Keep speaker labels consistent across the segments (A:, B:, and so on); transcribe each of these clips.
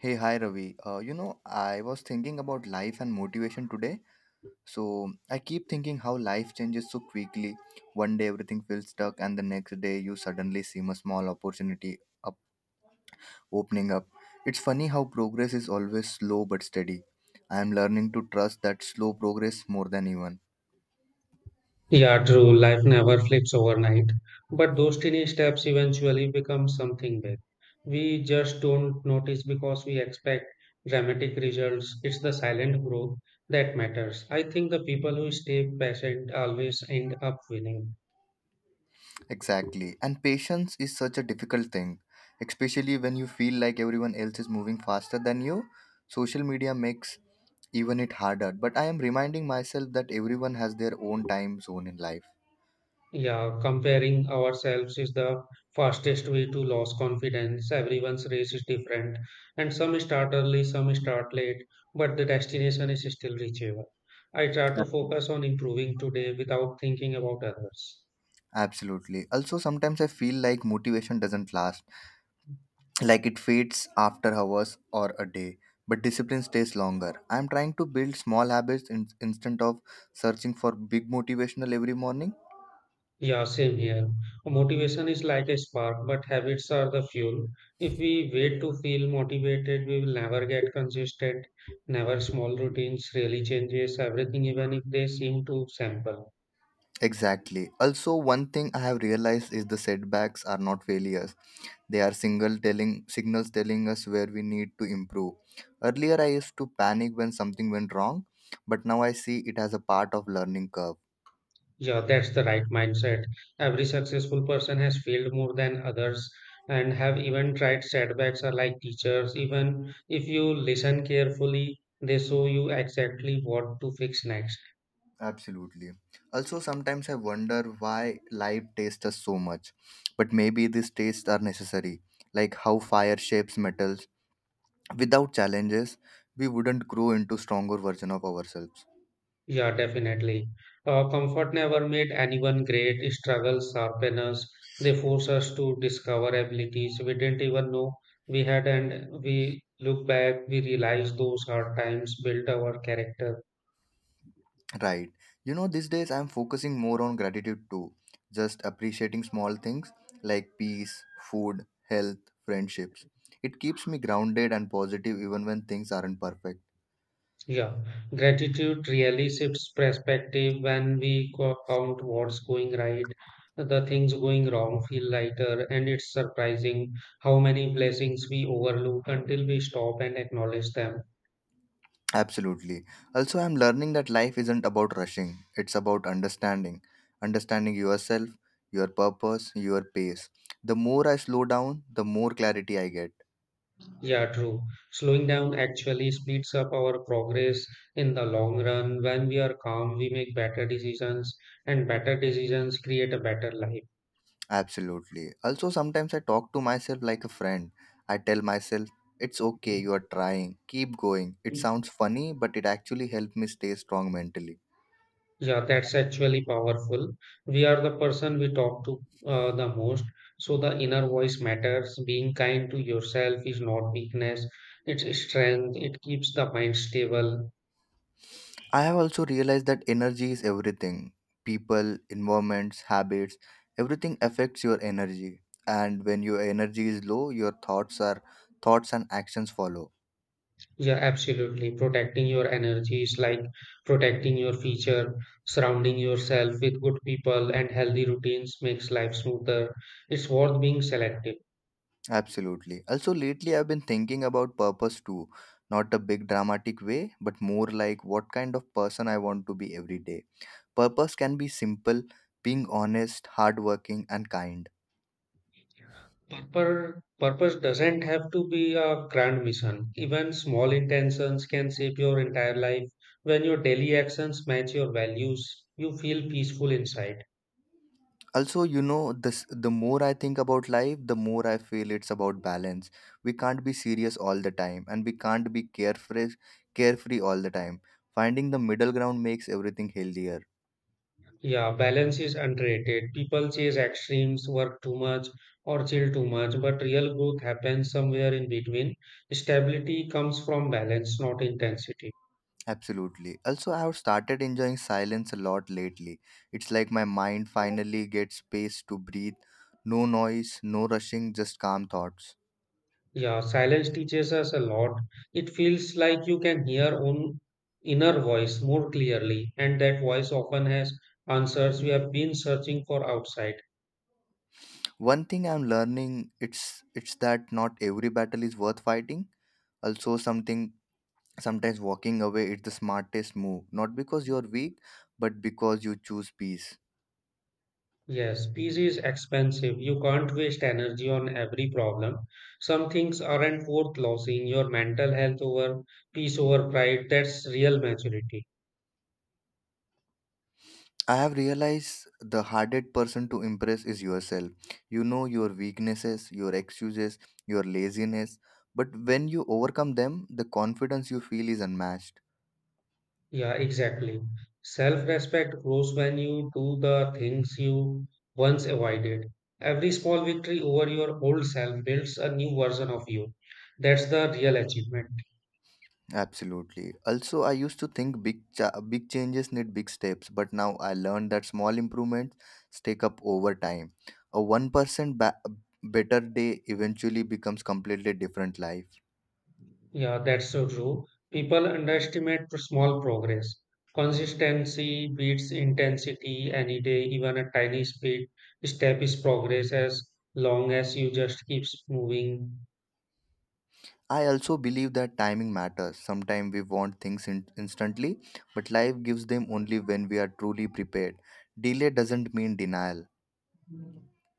A: Hey, hi Ravi. I was thinking about life and motivation today. So I keep thinking how life changes so quickly. One day everything feels stuck, and the next day you suddenly seem a small opportunity up opening up. It's funny how progress is always slow but steady. I am learning to trust that slow progress more than even.
B: Yeah, true. Life never flips overnight, but those tiny steps eventually become something big. We just don't notice because we expect dramatic results. It's the silent growth that matters. I think the people who stay patient always end up winning.
A: Exactly. And patience is such a difficult thing, especially when you feel like everyone else is moving faster than you. Social media makes even it harder, but I am reminding myself that everyone has their own time zone in life.
B: Yeah, comparing ourselves is the fastest way to lose confidence. Everyone's race is different, and some start early, some start late, but the destination is still reachable. I try to
A: Absolutely.
B: focus on improving today without thinking about others.
A: Absolutely. Also, sometimes I feel like motivation doesn't last, like it fades after hours or a day, but discipline stays longer. I'm trying to build small habits in, instead of searching for big motivational every morning.
B: Yeah, same here. Motivation is like a spark, but habits are the fuel. If we wait to feel motivated, we will never get consistent. Never small routines really changes everything, even if they seem too simple.
A: Exactly. Also, one thing I have realized is the setbacks are not failures, they are single telling signals telling us where we need to improve. Earlier I used to panic when something went wrong, but now I see it as a part of learning curve.
B: Yeah, that's the right mindset. Every successful person has failed more than others and have even tried setbacks are like teachers. Even if you listen carefully, they show you exactly what to fix next.
A: Absolutely. Also, sometimes I wonder why life tastes us so much, but maybe these tastes are necessary, like how fire shapes metals. Without challenges, we wouldn't grow into stronger version of ourselves.
B: Yeah, definitely. Comfort never made anyone great. Struggles sharpen us. They force us to discover abilities we didn't even know we had, and we look back, we realize those hard times built our character.
A: Right. You know, these days I'm focusing more on gratitude too, just appreciating small things like peace, food, health, friendships. It keeps me grounded and positive even when things aren't perfect.
B: Yeah, gratitude really shifts perspective when we count what's going right. The things going wrong feel lighter, and it's surprising how many blessings we overlook until we stop and acknowledge them.
A: Absolutely. Also, I'm learning that life isn't about rushing, it's about understanding. Understanding yourself, your purpose, your pace. The more I slow down, the more clarity I get.
B: Yeah, true. Slowing down actually speeds up our progress in the long run. When we are calm, we make better decisions, and better decisions create a better life.
A: Absolutely. Also, sometimes I talk to myself like a friend. I tell myself, it's okay, you are trying, keep going. It sounds funny, but it actually helped me stay strong mentally.
B: Yeah, that's actually powerful. We are the person we talk to, the most. So the inner voice matters. Being kind to yourself is not weakness, it's strength. It keeps the mind stable.
A: I have also realized that energy is everything. People, environments, habits, everything affects your energy. And when your energy is low, your thoughts and actions follow.
B: Yeah, absolutely. Protecting your energy is like protecting your future. Surrounding yourself with good people and healthy routines makes life smoother. It's worth being selective.
A: Absolutely. Also, lately I've been thinking about purpose too, not a big dramatic way, but more like what kind of person I want to be every day. Purpose can be simple, being honest, hardworking, and kind.
B: Purpose doesn't have to be a grand mission. Even small intentions can shape your entire life. When your daily actions match your values, you feel peaceful inside.
A: Also, you know, this the more I think about life, the more I feel it's about balance. We can't be serious all the time, and we can't be carefree all the time. Finding the middle ground makes everything healthier.
B: Yeah, balance is underrated. People chase extremes, work too much, or chill too much, but real growth happens somewhere in between. Stability comes from balance, not intensity.
A: Absolutely. Also, I have started enjoying silence a lot lately. It's like my mind finally gets space to breathe. No noise, no rushing, just calm thoughts.
B: Yeah, silence teaches us a lot. It feels like you can hear own inner voice more clearly, and that voice often has answers we have been searching for outside.
A: One thing I'm learning it's that not every battle is worth fighting. Also something sometimes walking away is the smartest move, not because you're weak, but because you choose peace.
B: Yes, peace is expensive. You can't waste energy on every problem. Some things aren't worth losing your mental health over peace over pride. That's real maturity.
A: I have realized the hardest person to impress is yourself. You know your weaknesses, your excuses, your laziness, but when you overcome them, the confidence you feel is unmatched.
B: Yeah, exactly. Self-respect grows when you do the things you once avoided. Every small victory over your old self builds a new version of you. That's the real achievement.
A: Absolutely. Also, I used to think big changes need big steps, but now I learned that small improvements stack up over time. A 1% better day eventually becomes completely different life.
B: Yeah, that's so true. People underestimate small progress. Consistency beats intensity any day, even a tiny speed step is progress as long as you just keeps moving.
A: I also believe that timing matters. Sometimes we want things instantly, but life gives them only when we are truly prepared. Delay doesn't mean denial.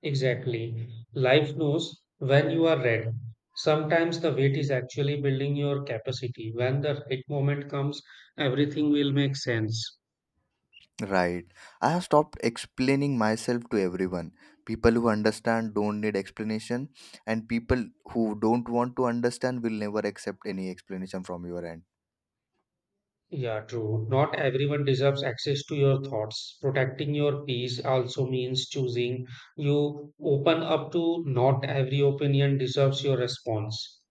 B: Exactly. Life knows when you are ready. Sometimes the wait is actually building your capacity. When the right moment comes, everything will make sense.
A: Right. I have stopped explaining myself to everyone. People who understand don't need explanation, and people who don't want to understand will never accept any explanation from your end.
B: Yeah, true. Not everyone deserves access to your thoughts. Protecting your peace also means choosing. You open up to not every opinion deserves your response.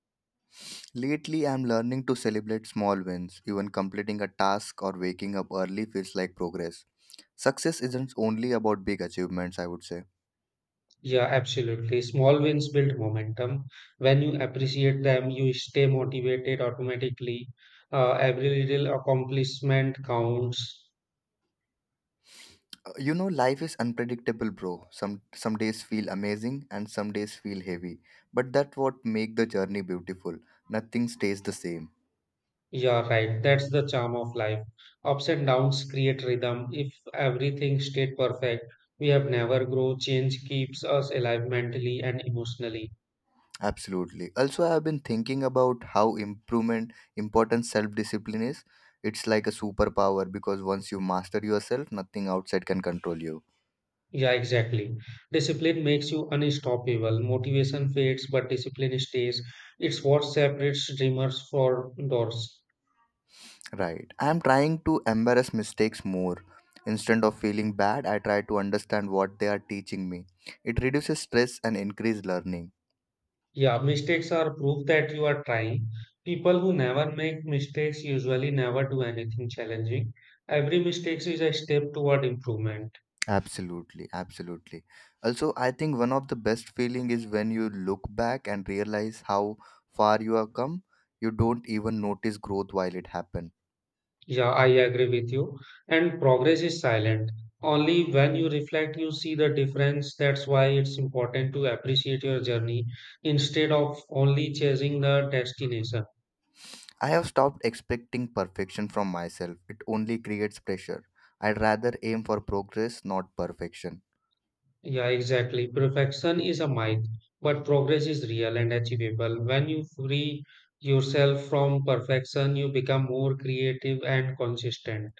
A: Lately, I'm learning to celebrate small wins. Even completing a task or waking up early feels like progress. Success isn't only about big achievements, I would say.
B: Yeah, absolutely. Small wins build momentum. When you appreciate them, you stay motivated automatically. Every little accomplishment counts.
A: You know, life is unpredictable, bro. Some days feel amazing and some days feel heavy. But that's what make the journey beautiful. Nothing stays the same.
B: Yeah, right. That's the charm of life. Ups and downs create rhythm. If everything stayed perfect, we have never grow. Change keeps us alive mentally and emotionally.
A: Absolutely. Also, I have been thinking about how improvement important self-discipline is. It's like a superpower because once you master yourself, nothing outside can control you.
B: Yeah, exactly. Discipline makes you unstoppable. Motivation fades, but discipline stays. It's what separates dreamers from doors.
A: Right. I am trying to embrace mistakes more. Instead of feeling bad, I try to understand what they are teaching me. It reduces stress and increase learning.
B: Yeah, mistakes are proof that you are trying. People who never make mistakes usually never do anything challenging. Every mistake is a step toward improvement.
A: Absolutely, absolutely. Also, I think one of the best feeling is when you look back and realize how far you have come. You don't even notice growth while it happen.
B: Yeah, I agree with you. And progress is silent. Only when you reflect, you see the difference. That's why it's important to appreciate your journey instead of only chasing the destination.
A: I have stopped expecting perfection from myself. It only creates pressure. I'd rather aim for progress, not perfection.
B: Yeah, exactly. Perfection is a myth, but progress is real and achievable. When you free yourself from perfection, you become more creative and consistent.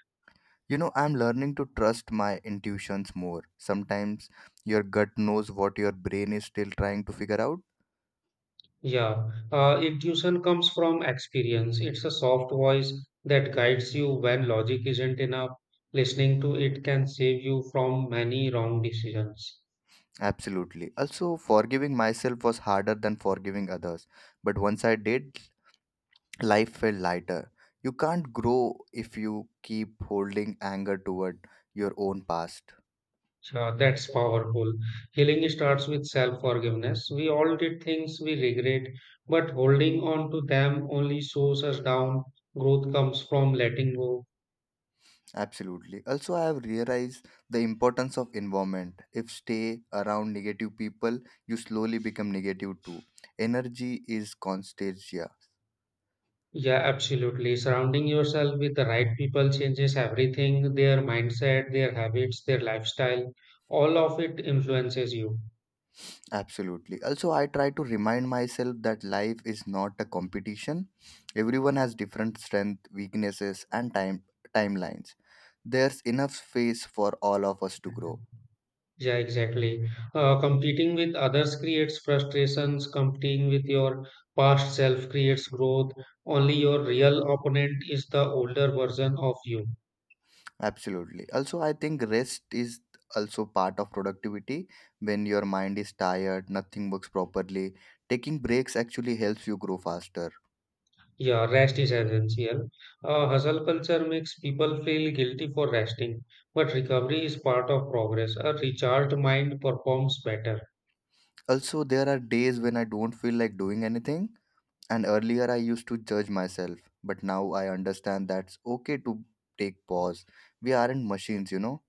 A: You know, I'm learning to trust my intuitions more. Sometimes your gut knows what your brain is still trying to figure out.
B: Yeah, intuition comes from experience. It's a soft voice that guides you when logic isn't enough. Listening to it can save you from many wrong decisions.
A: Absolutely. Also, forgiving myself was harder than forgiving others. But once I did, life felt lighter. You can't grow if you keep holding anger toward your own past.
B: So that's powerful. Healing starts with self forgiveness. We all did things we regret, but holding on to them only slows us down. Growth comes from letting go.
A: Absolutely. Also, I have realized the importance of environment. If stay around negative people, you slowly become negative too. Energy is constagia.
B: Yeah, absolutely. Surrounding yourself with the right people changes everything their mindset, their habits, their lifestyle. All of it influences you.
A: Absolutely. Also, I try to remind myself that life is not a competition. Everyone has different strength, weaknesses, and timelines. There's enough space for all of us to grow.
B: Yeah, exactly. Competing with others creates frustrations. Competing with your past self creates growth. Only your real opponent is the older version of you.
A: Absolutely. Also, I think rest is also part of productivity. When your mind is tired, nothing works properly. Taking breaks actually helps you grow faster.
B: Yeah, rest is essential. Hustle culture makes people feel guilty for resting, but recovery is part of progress. A recharged mind performs better.
A: Also, there are days when I don't feel like doing anything. And earlier, I used to judge myself. But now I understand that's okay to take pause. We aren't machines, you know.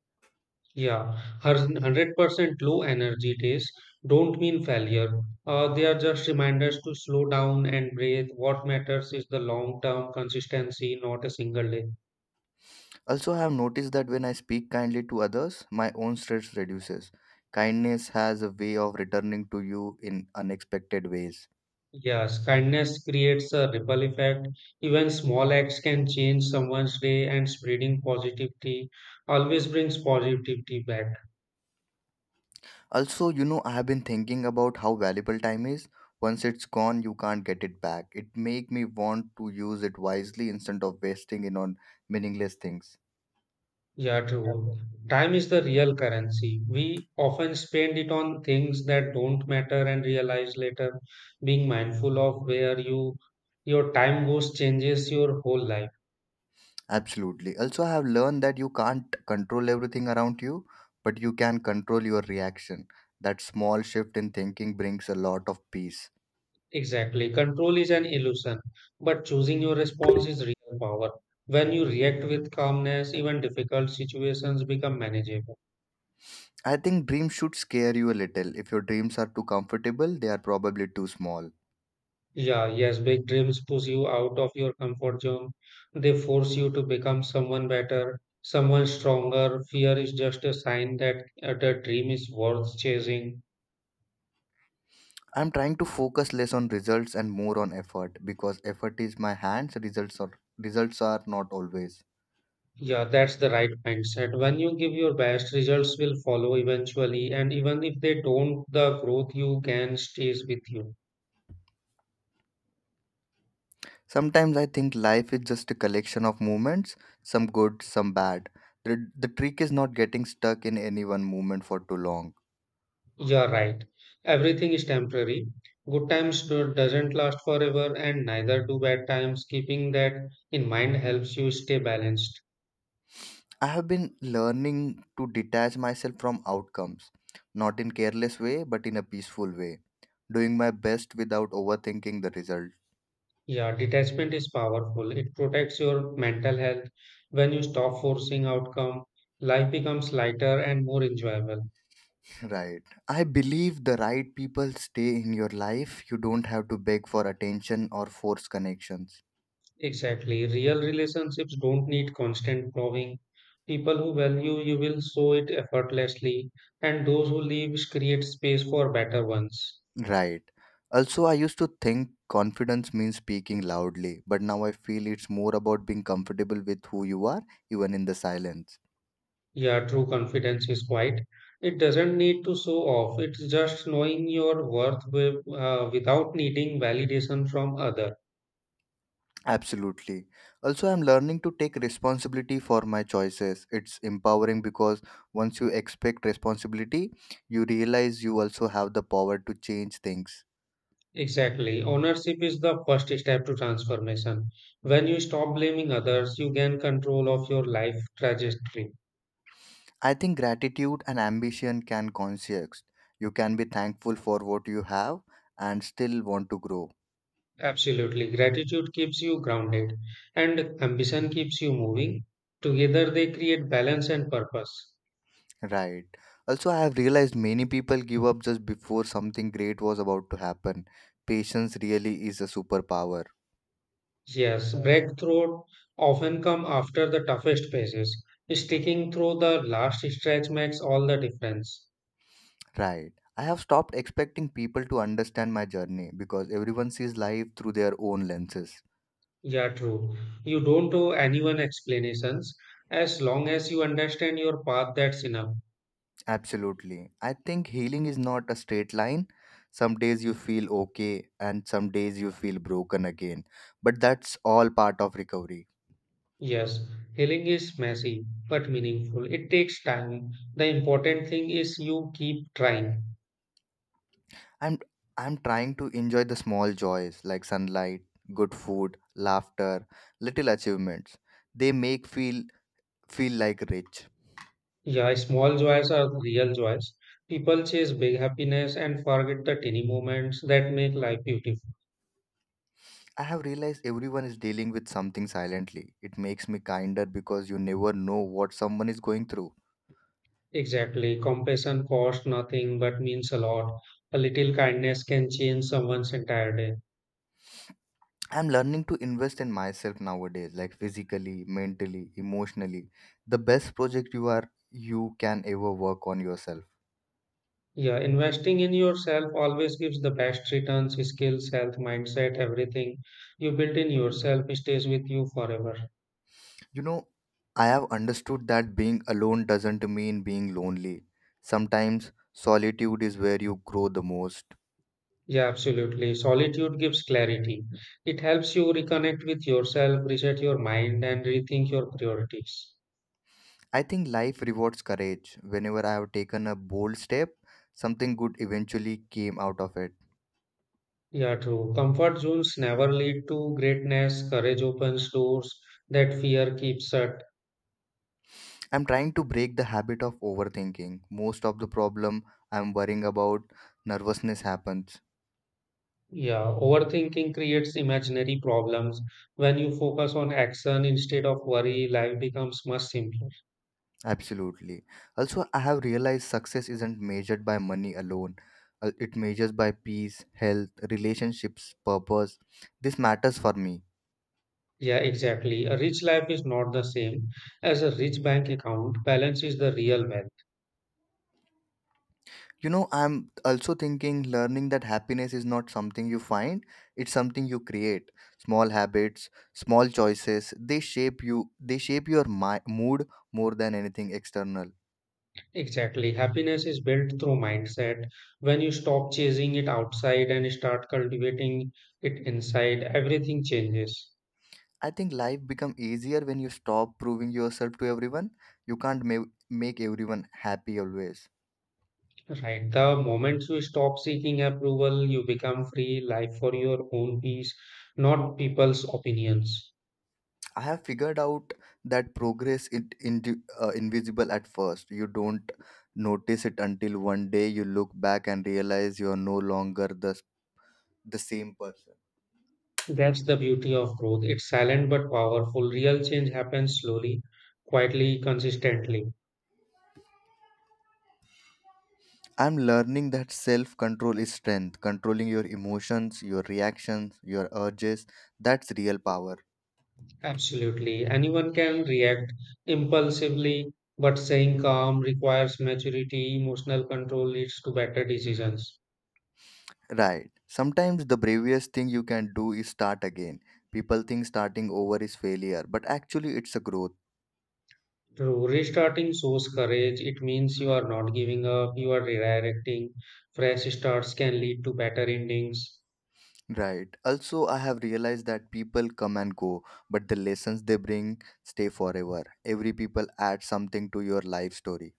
B: Yeah, 100% low energy days don't mean failure. They are just reminders to slow down and breathe. What matters is the long term consistency, not a single day.
A: Also, I have noticed that when I speak kindly to others, my own stress reduces. Kindness has a way of returning to you in unexpected ways.
B: Yes, kindness creates a ripple effect. Even small acts can change someone's day, and spreading positivity always brings positivity back.
A: Also, I have been thinking about how valuable time is. Once it's gone, you can't get it back. It make me want to use it wisely instead of wasting it on meaningless things.
B: Yeah, true. Time is the real currency. We often spend it on things that don't matter and realize later. Being mindful of where your time goes changes your whole life.
A: Absolutely. Also, I have learned that you can't control everything around you, but you can control your reaction. That small shift in thinking brings a lot of peace.
B: Exactly. Control is an illusion, but choosing your response is real power. When you react with calmness, even difficult situations become manageable.
A: I think dreams should scare you a little. If your dreams are too comfortable, they are probably too small.
B: Yeah, yes, big dreams push you out of your comfort zone. They force you to become someone better, someone stronger. Fear is just a sign that the dream is worth chasing.
A: I'm trying to focus less on results and more on effort, because effort is my hands, results are not always.
B: Yeah, that's the right mindset. When you give your best, results will follow eventually, and even if they don't, the growth you can stays with you.
A: Sometimes I think life is just a collection of moments, some good, some bad. The trick is not getting stuck in any one moment for too long.
B: You're right. Everything is temporary. Good times doesn't last forever, and neither do bad times. Keeping that in mind helps you stay balanced.
A: I have been learning to detach myself from outcomes, not in careless way but in a peaceful way, doing my best without overthinking the result.
B: Yeah, detachment is powerful. It protects your mental health. When you stop forcing outcome, life becomes lighter and more enjoyable.
A: Right. I believe the right people stay in your life. You don't have to beg for attention or force connections.
B: Exactly. Real relationships don't need constant proving. People who value you will show it effortlessly, and those who leave create space for better ones.
A: Right. Also, I used to think confidence means speaking loudly, but now I feel it's more about being comfortable with who you are, even in the silence.
B: Yeah, true confidence is quiet. It doesn't need to show off. It's just knowing your worth with, without needing validation from others.
A: Absolutely. Also, I'm learning to take responsibility for my choices. It's empowering because once you expect responsibility, you realize you also have the power to change things.
B: Exactly. Ownership is the first step to transformation. When you stop blaming others, you gain control of your life trajectory.
A: I think gratitude and ambition can coexist. You can be thankful for what you have and still want to grow.
B: Absolutely. Gratitude keeps you grounded and ambition keeps you moving. Together they create balance and purpose.
A: Right. Also, I have realized many people give up just before something great was about to happen. Patience really is a superpower.
B: Yes, breakthrough often come after the toughest phases. Sticking through the last stretch makes all the difference.
A: Right. I have stopped expecting people to understand my journey because everyone sees life through their own lenses.
B: Yeah, true. You don't owe anyone explanations. As long as you understand your path, that's enough.
A: Absolutely. I think healing is not a straight line. Some days you feel okay and some days you feel broken again. But that's all part of recovery.
B: Yes, healing is messy but meaningful. It takes time. The important thing is you keep trying.
A: I'm I'm trying to enjoy the small joys like sunlight, good food, laughter, little achievements. They make feel like rich.
B: Yeah, small joys are the real joys. People chase big happiness and forget the tiny moments that make life beautiful.
A: I have realized everyone is dealing with something silently. It makes me kinder because you never know what someone is going through.
B: Exactly. Compassion costs nothing but means a lot. A little kindness can change someone's entire day.
A: I'm learning to invest in myself nowadays, like physically, mentally, emotionally. The best project you can ever work on yourself.
B: Yeah, investing in yourself always gives the best returns, skills, health, mindset, everything you build in yourself stays with you forever.
A: You know, I have understood that being alone doesn't mean being lonely. Sometimes solitude is where you grow the most.
B: Yeah, absolutely. Solitude gives clarity. It helps you reconnect with yourself, reset your mind, and rethink your priorities.
A: I think life rewards courage. Whenever I have taken a bold step, something good eventually came out of it.
B: Yeah, true. Comfort zones never lead to greatness. Courage opens doors that fear keeps shut.
A: I'm trying to break the habit of overthinking. Most of the problem I'm worrying about nervousness happens.
B: Yeah, overthinking creates imaginary problems. When you focus on action instead of worry, life becomes much simpler.
A: Absolutely. Also, I have realized success isn't measured by money alone. It measures by peace, health, relationships, purpose. This matters for me.
B: Yeah, exactly. A rich life is not the same as a rich bank account. Balance is the real value.
A: You know, I'm also thinking learning that happiness is not something you find, it's something you create. Small habits, small choices, they shape you, they shape your mood more than anything external.
B: Exactly. Happiness is built through mindset. When you stop chasing it outside and start cultivating it inside, everything changes.
A: I think life become easier when you stop proving yourself to everyone. You can't make everyone happy always.
B: Right. The moment you stop seeking approval, you become free, life for your own peace, not people's opinions.
A: I have figured out that progress is invisible at first. You don't notice it until one day you look back and realize you are no longer the same person.
B: That's the beauty of growth. It's silent but powerful. Real change happens slowly, quietly, consistently.
A: I'm learning that self control is strength. Controlling your emotions, your reactions, your urges, that's real power.
B: Absolutely. Anyone can react impulsively, but staying calm requires maturity. Emotional control leads to better decisions.
A: Right. Sometimes the bravest thing you can do is start again. People think starting over is failure, but actually it's a growth.
B: True. Restarting shows courage. It means you are not giving up, you are redirecting. Fresh starts can lead to better endings.
A: Right. Also, I have realized that people come and go, but the lessons they bring stay forever. Every people add something to your life story.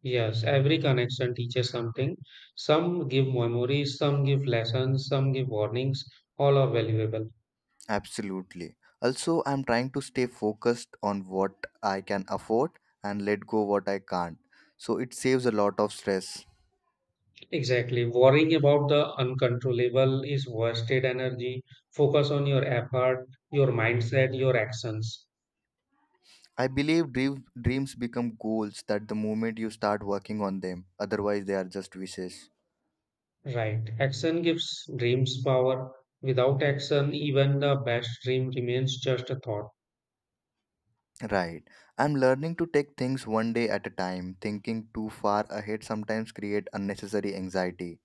B: Yes, every connection teaches something. Some give memories, some give lessons, some give warnings. All are valuable.
A: Absolutely. Also, I'm trying to stay focused on what I can afford and let go what I can't. So it saves a lot of stress.
B: Exactly. Worrying about the uncontrollable is wasted energy. Focus on your effort, your mindset, your actions.
A: I believe dreams become goals that the moment you start working on them, otherwise they are just wishes.
B: Right. Action gives dreams power. Without action, even the best dream remains just a thought.
A: Right. I'm learning to take things one day at a time. Thinking too far ahead sometimes create unnecessary anxiety.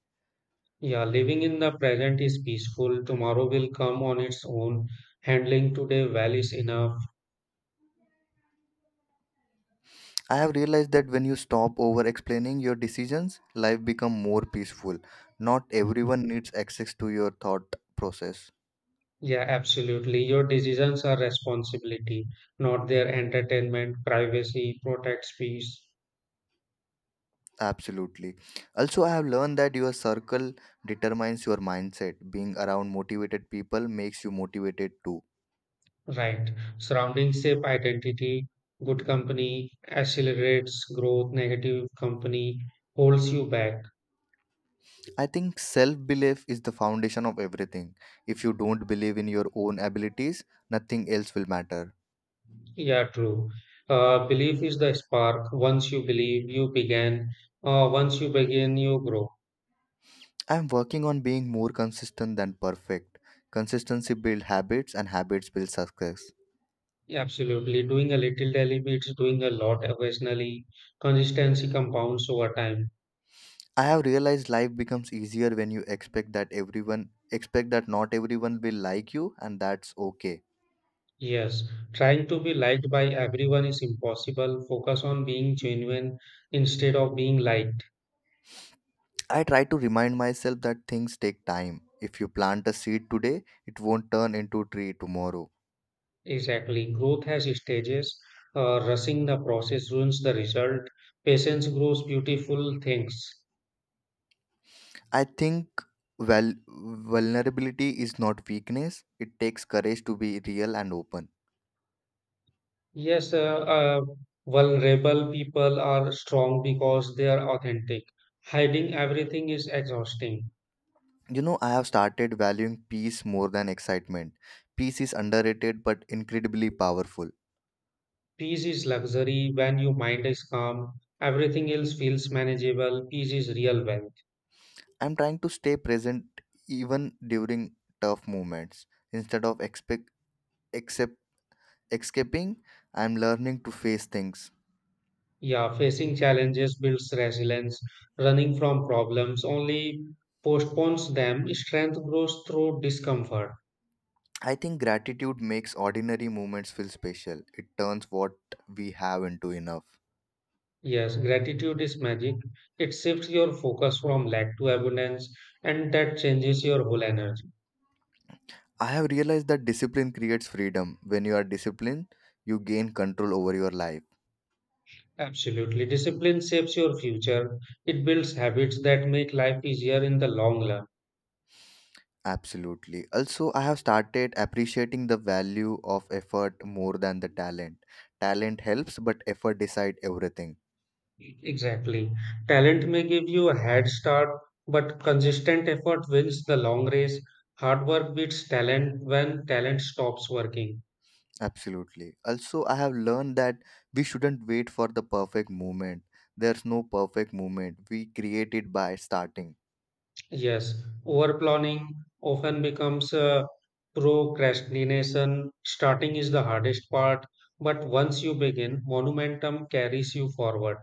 B: Yeah, living in the present is peaceful. Tomorrow will come on its own. Handling today well is enough.
A: I have realized that when you stop over explaining your decisions, life become more peaceful. Not everyone needs access to your thought process.
B: Yeah, absolutely. Your decisions are responsibility, not their entertainment. Privacy protects peace.
A: Absolutely. Also, I have learned that your circle determines your mindset. Being around motivated people makes you motivated too.
B: Right. Surrounding safe identity, good company accelerates growth, negative company holds you back.
A: I think self belief is the foundation of everything. If you don't believe in your own abilities, nothing else will matter.
B: Yeah, true. Belief is the spark. Once you believe, you begin. Once you begin, you grow.
A: I'm working on being more consistent than perfect. Consistency builds habits, and habits build success.
B: Yeah, absolutely. Doing a little daily beats doing a lot occasionally. Consistency compounds over time.
A: I have realized life becomes easier when you expect that not everyone will like you, and that's okay.
B: Yes. Trying to be liked by everyone is impossible. Focus on being genuine instead of being liked.
A: I try to remind myself that things take time. If you plant a seed today, it won't turn into a tree tomorrow.
B: Exactly. Growth has stages. Rushing the process ruins the result. Patience grows beautiful things.
A: I think vulnerability is not weakness. It takes courage to be real and open.
B: Yes, vulnerable people are strong because they are authentic. Hiding everything is exhausting.
A: You know, I have started valuing peace more than excitement. Peace is underrated but incredibly powerful.
B: Peace is luxury when your mind is calm. Everything else feels manageable. Peace is real wealth.
A: I'm trying to stay present even during tough moments. Instead of expect, except escaping, I'm learning to face things.
B: Yeah, facing challenges builds resilience. Running from problems only postpones them. Strength grows through discomfort.
A: I think gratitude makes ordinary moments feel special. It turns what we have into enough.
B: Yes, gratitude is magic. It shifts your focus from lack to abundance, and that changes your whole energy.
A: I have realized that discipline creates freedom. When you are disciplined, you gain control over your life.
B: Absolutely. Discipline shapes your future. It builds habits that make life easier in the long run.
A: Absolutely. Also, I have started appreciating the value of effort more than the talent. Talent helps, but effort decide everything.
B: Exactly. Talent may give you a head start, but consistent effort wins the long race. Hard work beats talent when talent stops working.
A: Absolutely. Also, I have learned that we shouldn't wait for the perfect moment. There's no perfect moment. We create it by starting.
B: Yes, overplanning often becomes procrastination. Starting is the hardest part, but once you begin, momentum carries you forward.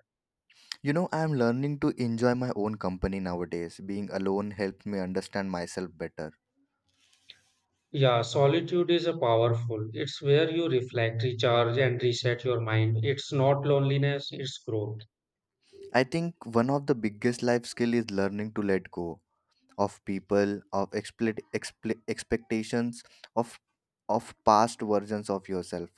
A: You know, I am learning to enjoy my own company nowadays. Being alone helps me understand myself better.
B: Yeah, solitude is a powerful. It's where you reflect, recharge, and reset your mind. It's not loneliness, it's growth.
A: I think one of the biggest life skill is learning to let go of people, of expectations, of of past versions of yourself.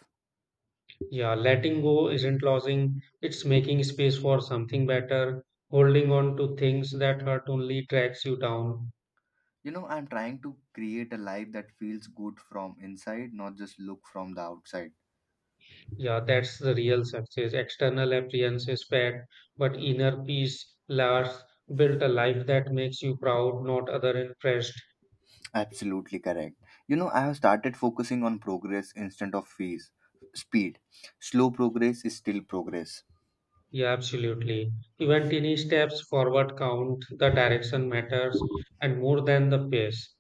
B: Yeah, letting go isn't losing, it's making space for something better. Holding on to things that hurt only tracks you down.
A: You know, I'm trying to create a life that feels good from inside, not just look from the outside.
B: Yeah, that's the real success. External appearance is fed, but inner peace lasts. Built a life that makes you proud, not other impressed.
A: Absolutely correct. You know, I have started focusing on progress instead of fees. Speed. Slow progress is still progress.
B: Yeah, absolutely. Even tiny steps forward count. The direction matters, and more than the pace.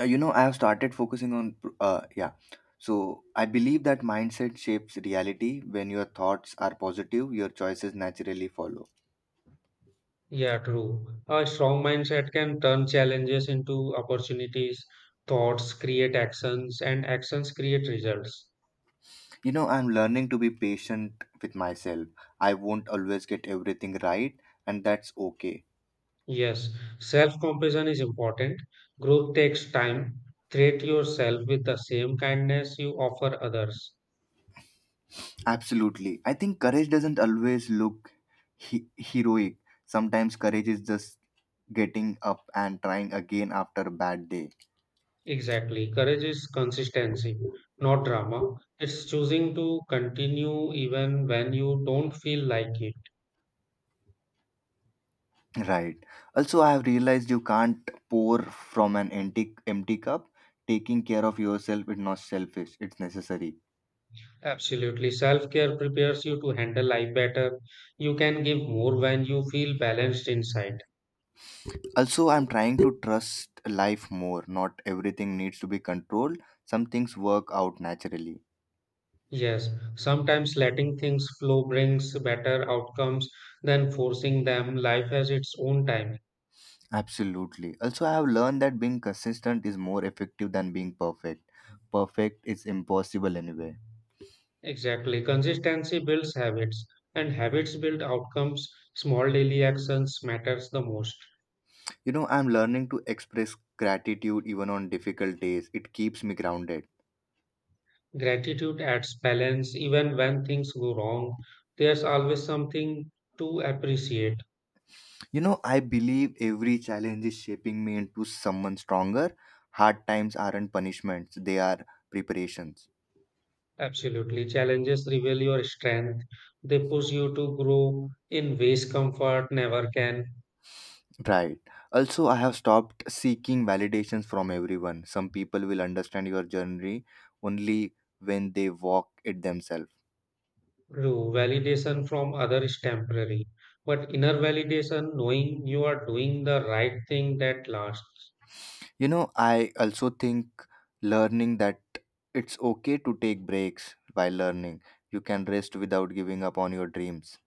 A: You know, I have started focusing on, yeah. So I believe that mindset shapes reality. When your thoughts are positive, your choices naturally follow.
B: Yeah, true. A strong mindset can turn challenges into opportunities. Thoughts create actions, and actions create results.
A: You know, I'm learning to be patient with myself. I won't always get everything right, and that's okay.
B: Yes, self-compassion is important. Growth takes time. Treat yourself with the same kindness you offer others.
A: Absolutely. I think courage doesn't always look heroic. Sometimes courage is just getting up and trying again after a bad day.
B: Exactly. Courage is consistency, not drama. It's choosing to continue even when you don't feel like it.
A: Right. Also, I have realized you can't pour from an empty cup. Taking care of yourself is not selfish; it's necessary.
B: Absolutely. Self-care prepares you to handle life better. You can give more when you feel balanced inside.
A: Also, I'm trying to trust life more. Not everything needs to be controlled. Some things work out naturally.
B: Yes, sometimes letting things flow brings better outcomes than forcing them. Life has its own timing.
A: Absolutely. Also, I have learned that being consistent is more effective than being perfect. Perfect is impossible anyway.
B: Exactly. Consistency builds habits, and habits build outcomes. Small daily actions matters the most.
A: You know, I'm learning to express gratitude even on difficult days. It keeps me grounded.
B: Gratitude adds balance even when things go wrong. There's always something to appreciate.
A: You know, I believe every challenge is shaping me into someone stronger. Hard times aren't punishments, they are preparations.
B: Absolutely. Challenges reveal your strength. They push you to grow in ways comfort never can.
A: Right. Also, I have stopped seeking validations from everyone. Some people will understand your journey only when they walk it themselves.
B: Do validation from others is temporary, but inner validation, knowing you are doing the right thing that lasts.
A: You know, I also think learning that it's okay to take breaks while learning. You can rest without giving up on your dreams.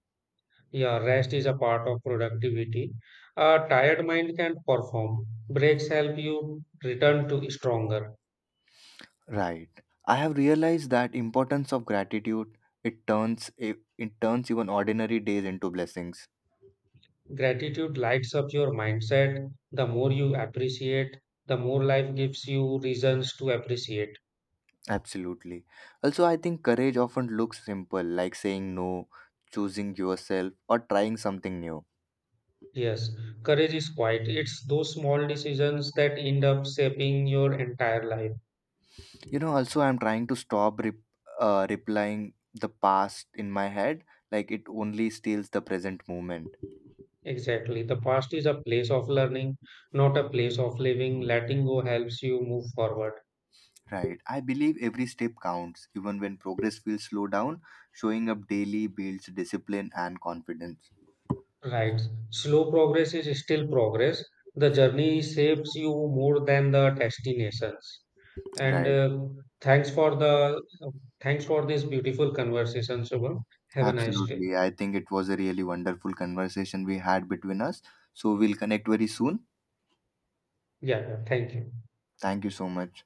B: Yeah, rest is a part of productivity. A tired mind can perform. Breaks help you return to stronger.
A: Right. I have realized that importance of gratitude. It turns even ordinary days into blessings.
B: Gratitude lights up your mindset. The more you appreciate, the more life gives you reasons to appreciate.
A: Absolutely. Also, I think courage often looks simple, like saying no, choosing yourself, or trying something new.
B: Yes, courage is quiet. It's those small decisions that end up shaping your entire life.
A: You know. Also, I'm trying to stop replying the past in my head, like it only steals the present moment.
B: Exactly. The past is a place of learning, not a place of living. Letting go helps you move forward.
A: Right. I believe every step counts, even when progress feels slow down. Showing up daily builds discipline and confidence.
B: Right. Slow progress is still progress. The journey shapes you more than the destinations. And
A: Right.
B: thanks for the uh, Thanks for this beautiful conversation, Shubham. Have a nice day.
A: Absolutely. I think it was a really wonderful conversation we had between us. So we'll connect very soon.
B: Yeah. Thank you.
A: Thank you so much.